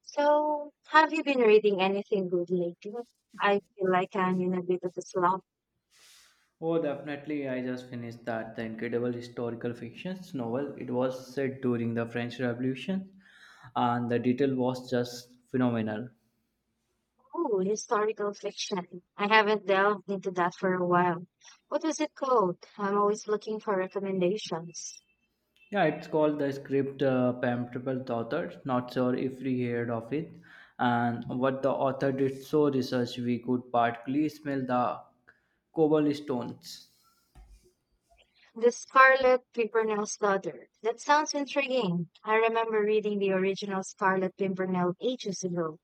So, have you been reading anything good lately? I feel like I'm in a bit of a slump. Oh, definitely. I just finished that. The incredible historical fiction novel. It was set during the French Revolution, and the detail was just phenomenal. Oh, historical fiction. I haven't delved into that for a while. What was it called? I'm always looking for recommendations. Yeah, it's called the script Pamphlet Author. Not sure if we heard of it. And what the author did so research, we could partly smell the cobble stones. The Scarlet Pimpernel's Daughter. That sounds intriguing. I remember reading the original Scarlet Pimpernel ages ago.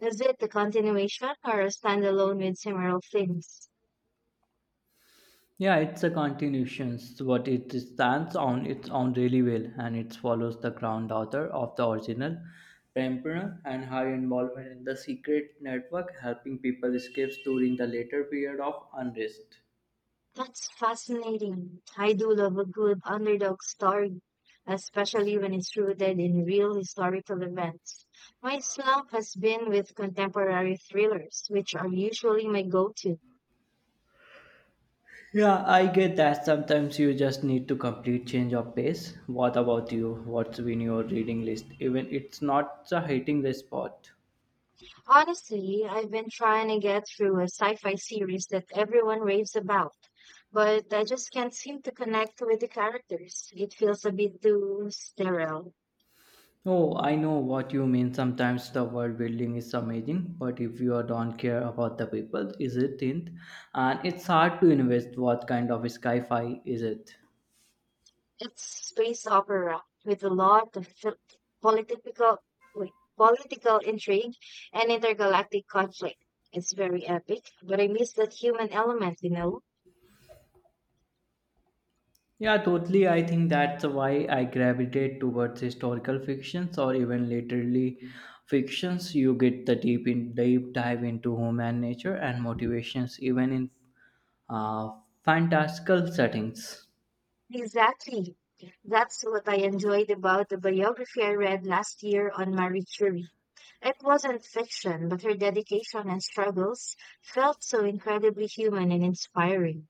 Is it a continuation or a standalone with similar themes? Yeah, it's a continuation, but it stands on its own really well, and it follows the ground author of the original, Pempner, and her involvement in the secret network, helping people escape during the later period of unrest. That's fascinating. I do love a good underdog story, especially when it's rooted in real historical events. My slump has been with contemporary thrillers, which are usually my go-to. Yeah, I get that. Sometimes you just need to complete change of pace. What about you? What's been your reading list? Even it's not a hitting the spot. Honestly, I've been trying to get through a sci-fi series that everyone raves about, but I just can't seem to connect with the characters. It feels a bit too sterile. Oh, I know what you mean. Sometimes the world building is amazing, but if you don't care about the people, is it thin? And it's hard to invest what kind of sci-fi is it? It's space opera with a lot of political political intrigue and intergalactic conflict. It's very epic, but I miss that human element, you know? Yeah, totally. I think that's why I gravitate towards historical fictions or even literally fictions. You get the deep in deep dive into human nature and motivations, even in uh, fantastical settings. Exactly. That's what I enjoyed about the biography I read last year on Marie Curie. It wasn't fiction, but her dedication and struggles felt so incredibly human and inspiring.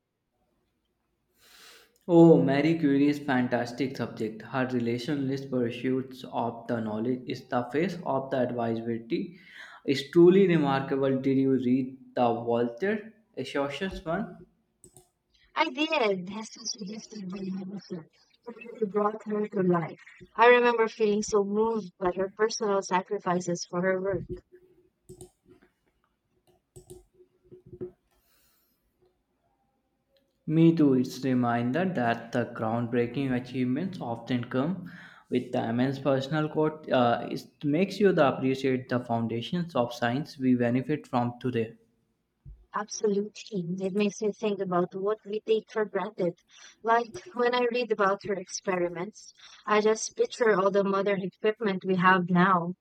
Oh, Marie Curie is fantastic subject. Her relationless pursuits of the knowledge is the face of the advisability. It's truly remarkable. Did you read the Walter Associates one? I did, Hester suggested by Henderson, and really brought her to life. I remember feeling so moved by her personal sacrifices for her work. Me too. It's reminder that the groundbreaking achievements often come with the immense personal cost. It makes you the appreciate the foundations of science we benefit from today. Absolutely. It makes me think about what we take for granted. Like when I read about her experiments, I just picture all the modern equipment we have now.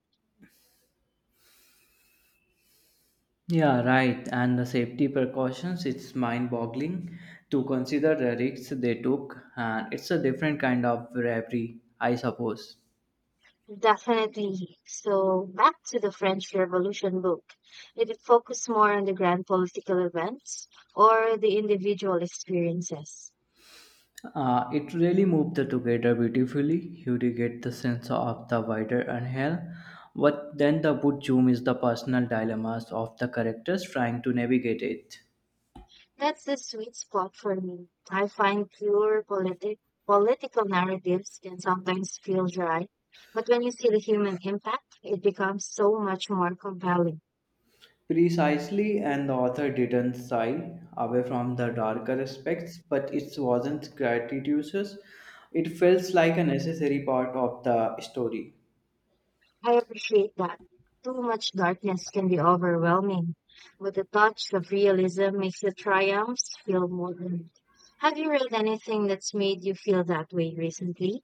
Yeah, right. And the safety precautions, it's mind boggling to consider the risks they took. And it's a different kind of bravery, I suppose. Definitely. So back to the French Revolution book. Did it focus more on the grand political events or the individual experiences? It really moved the together beautifully. You do get the sense of the wider and hell. What then the book zoom is the personal dilemmas of the characters trying to navigate it. That's the sweet spot for me. I find pure political narratives can sometimes feel dry, but when you see the human impact, it becomes so much more compelling. Precisely, and the author didn't shy away from the darker aspects, but it wasn't gratuitous. It felt like a necessary part of the story. I appreciate that. Too much darkness can be overwhelming, but the touch of realism makes the triumphs feel more, real. Have you read anything that's made you feel that way recently?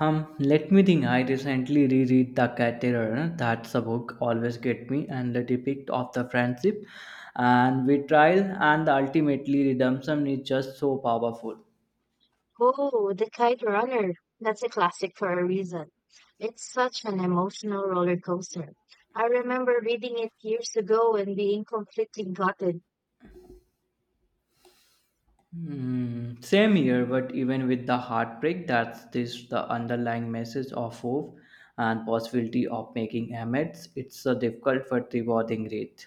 Let me think. I recently reread The Caterer. That's a book always get me, and the depict of the friendship and betrayal and the ultimately redemption is just so powerful. Oh, The Kite Runner. That's a classic for a reason. It's such an emotional roller coaster. I remember reading it years ago and being completely gutted. Same here, but even with the heartbreak, that's this the underlying message of hope and possibility of making amends. It's a difficult but rewarding rate.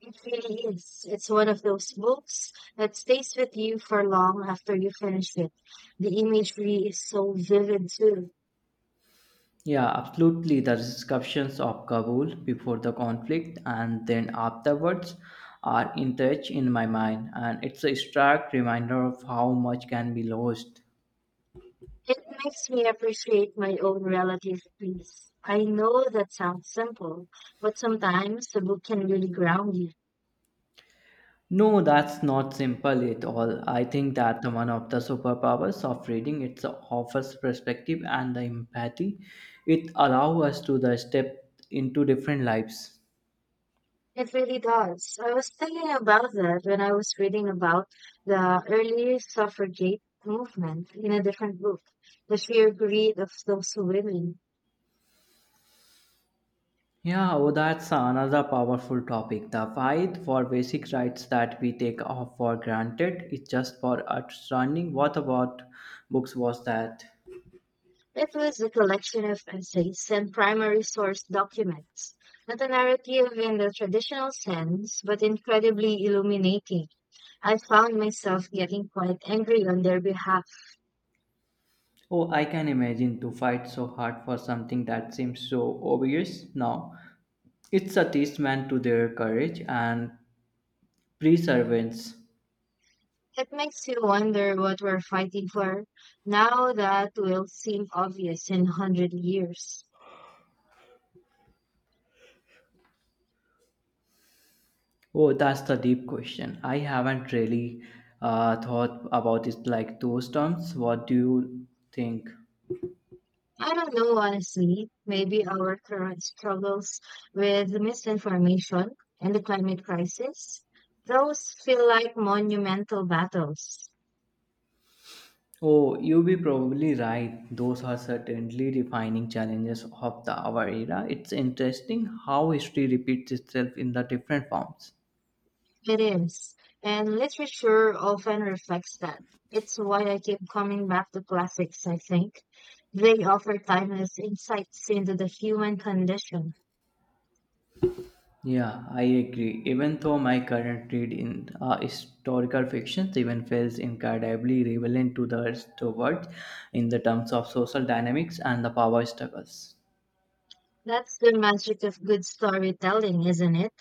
It really is. It's one of those books that stays with you for long after you finish it. The imagery is so vivid too. Yeah, absolutely. The discussions of Kabul before the conflict and then afterwards are in touch in my mind, and it's a stark reminder of how much can be lost. It makes me appreciate my own relative peace. I know that sounds simple, but sometimes the book can really ground you. No, that's not simple at all. I think that the one of the superpowers of reading it offers perspective and the empathy. It allows us to the step into different lives. It really does. I was thinking about that when I was reading about the early suffragette movement in a different book, The Sheer Greed of Those Women. Yeah, oh, that's another powerful topic. The fight for basic rights that we take off for granted is just for outstanding. What about books was that? It was a collection of essays and primary source documents, not a narrative in the traditional sense, but incredibly illuminating. I found myself getting quite angry on their behalf. Oh, I can imagine to fight so hard for something that seems so obvious now. It's a testament to their courage and perseverance. It makes you wonder what we're fighting for now that will seem obvious in 100 years. Oh, that's the deep question. I haven't really thought about it like those terms. What do you think? I don't know, honestly. Maybe our current struggles with misinformation and the climate crisis, those feel like monumental battles. Oh, you be probably right. Those are certainly defining challenges of the our era. It's interesting how history repeats itself in the different forms. It is. And literature often reflects that. It's why I keep coming back to classics, I think. They offer timeless insights into the human condition. Yeah, I agree. Even though my current read in historical fiction, so even feels incredibly relevant to the towards in the terms of social dynamics and the power struggles. That's the magic of good storytelling, isn't it?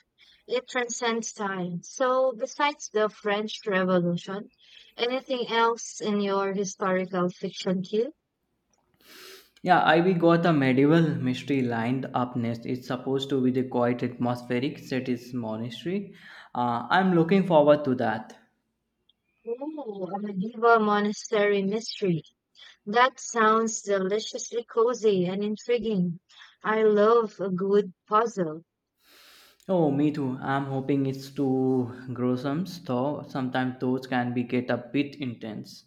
It transcends time. So, besides the French Revolution, anything else in your historical fiction queue? Yeah, I we got a medieval mystery lined up next. It's supposed to be the quite atmospheric set is monastery. I'm looking forward to that. Oh, a medieval monastery mystery. That sounds deliciously cozy and intriguing. I love a good puzzle. Oh, me too. I'm hoping it's too gruesome, though sometimes those can be get a bit intense.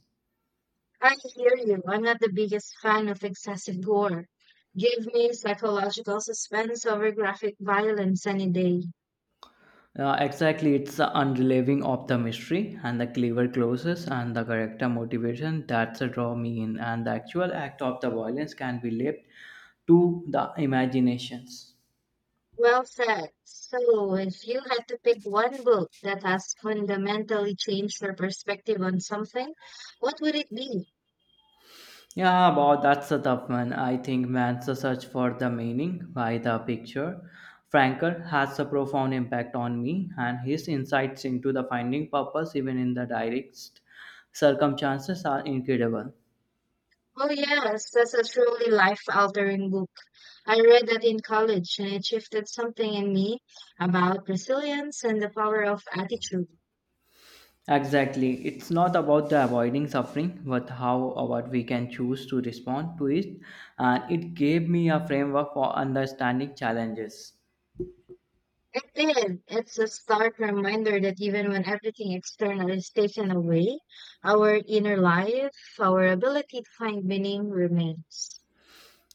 I hear you. I'm not the biggest fan of excessive gore. Give me psychological suspense over graphic violence any day. Exactly, it's the unrelieving of the mystery and the clever closes and the character motivation that's a draw me in, and the actual act of the violence can be left to the imaginations. Well said. So, if you had to pick one book that has fundamentally changed your perspective on something, what would it be? Yeah, about that's a tough one. I think man's search for the meaning by the picture. Frankel has a profound impact on me, and his insights into the finding purpose, even in the direst circumstances, are incredible. Oh, yes, that's a truly life-altering book. I read that in college and it shifted something in me about resilience and the power of attitude. Exactly. It's not about the avoiding suffering, but how about we can choose to respond to it. And it gave me a framework for understanding challenges. It did. It's a stark reminder that even when everything external is taken away, our inner life, our ability to find meaning remains.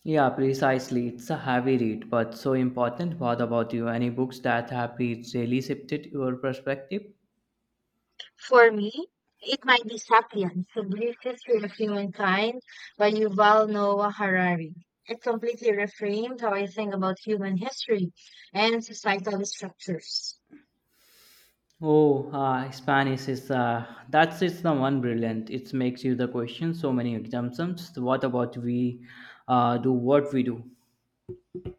Yeah, precisely. It's a heavy read, but so important. What about you? Any books that have really shifted your perspective? For me, it might be Sapiens, The Brief History of Humankind by Yuval Noah Harari. It completely reframed how I think about human history and societal structures. Oh, Spanish is that's it's the one brilliant. It makes you the question so many exemptions. What about we do what we do?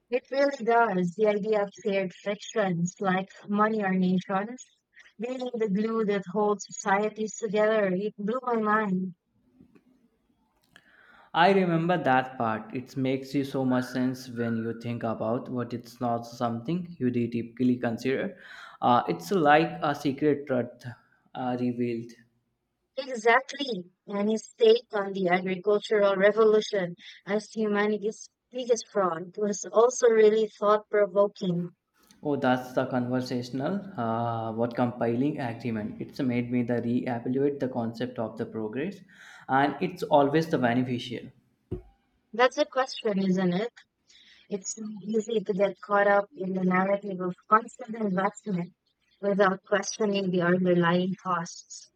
It really does. The idea of shared frictions like money or nations being the glue that holds societies together, it blew my mind. I remember that part. It makes you so much sense when you think about what it's not something you typically consider. It's like a secret truth revealed. Exactly. And his take on the agricultural revolution as humanity's biggest fraud was also really thought provoking. Oh, that's the conversational. What compiling agreement? It's made me the reevaluate the concept of the progress, and it's always the beneficial. That's a question, isn't it? It's so easy to get caught up in the narrative of constant investment without questioning the underlying costs.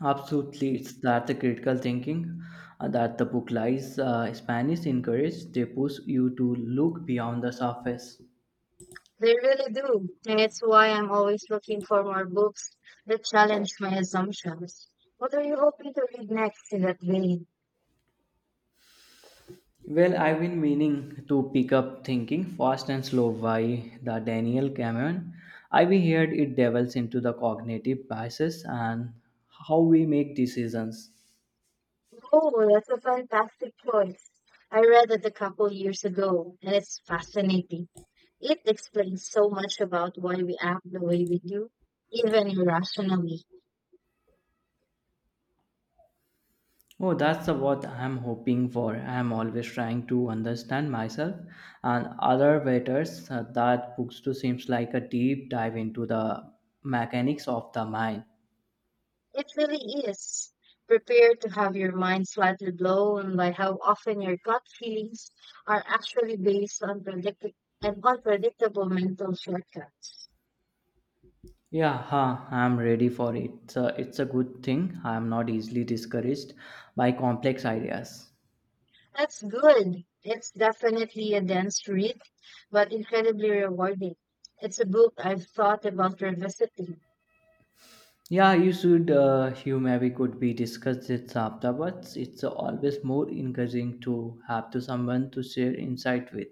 Absolutely, it's that the critical thinking that the book lies. Spanish encourage they push you to look beyond the surface. They really do. And it's why I'm always looking for more books that challenge my assumptions. What are you hoping to read next in that vein? Well, I've been meaning to pick up Thinking Fast and Slow by the Daniel Kahneman. I've heard it delves into the cognitive biases and how we make decisions. Oh, well, that's a fantastic choice. I read it a couple years ago, and it's fascinating. It explains so much about why we act the way we do, even irrationally. Oh, that's the what I'm hoping for. I'm always trying to understand myself and other betters. That book too seems like a deep dive into the mechanics of the mind. It really is. Prepare to have your mind slightly blown by how often your gut feelings are actually based on and unpredictable mental shortcuts. Yeah, I'm ready for it. So it's a good thing. I'm not easily discouraged by complex ideas. That's good. It's definitely a dense read, but incredibly rewarding. It's a book I've thought about revisiting. Yeah, you should. You maybe could be discussed this afterwards. It's always more encouraging to have to someone to share insight with.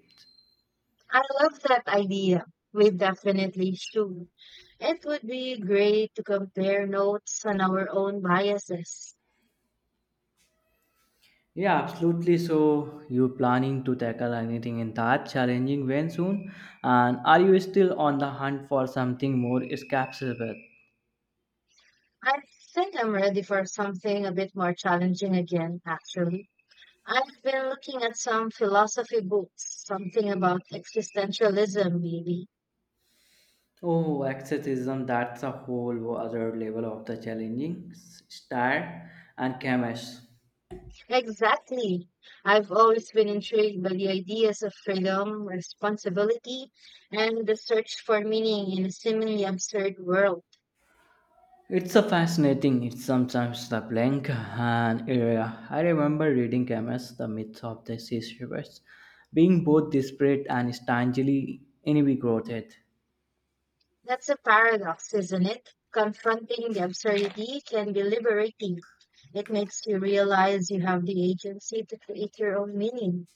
I love that idea. We definitely should. It would be great to compare notes on our own biases. Yeah, absolutely. So you planning to tackle anything in that challenging vein soon, and are you still on the hunt for something more escapable? I think I'm ready for something a bit more challenging again, actually. I've been looking at some philosophy books, something about existentialism, maybe. Oh, exorcism, that's a whole other level of the challenging style and chemist. Exactly. I've always been intrigued by the ideas of freedom, responsibility, and the search for meaning in a seemingly absurd world. It's a fascinating. It's sometimes the blank, and area. I remember reading Camus, the myth of the sea shepherds, being both desperate and strangely invigorated. That's a paradox, isn't it? Confronting the absurdity can be liberating. It makes you realize you have the agency to create your own meaning.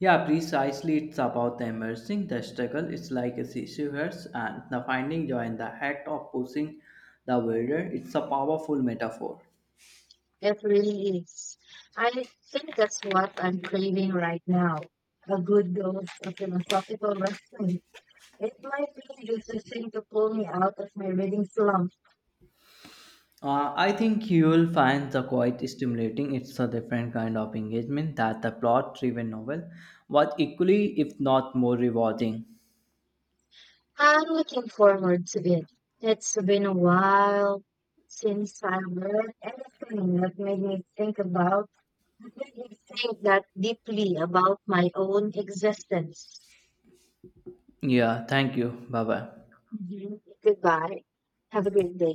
Yeah, precisely. It's about the immersing the struggle. It's like a sea shepherds and the finding joy in the act of pushing the wilder. It's a powerful metaphor. It really is. I think that's what I'm craving right now. A good dose of philosophical wrestling. It might be just a thing to pull me out of my reading slump. I think you will find the quite stimulating. It's a different kind of engagement that the plot driven novel but equally, if not more, rewarding. I'm looking forward to it. It's been a while since I read anything that made me that made me think that deeply about my own existence. Yeah, thank you. Bye bye. Mhm. Goodbye. Have a great day.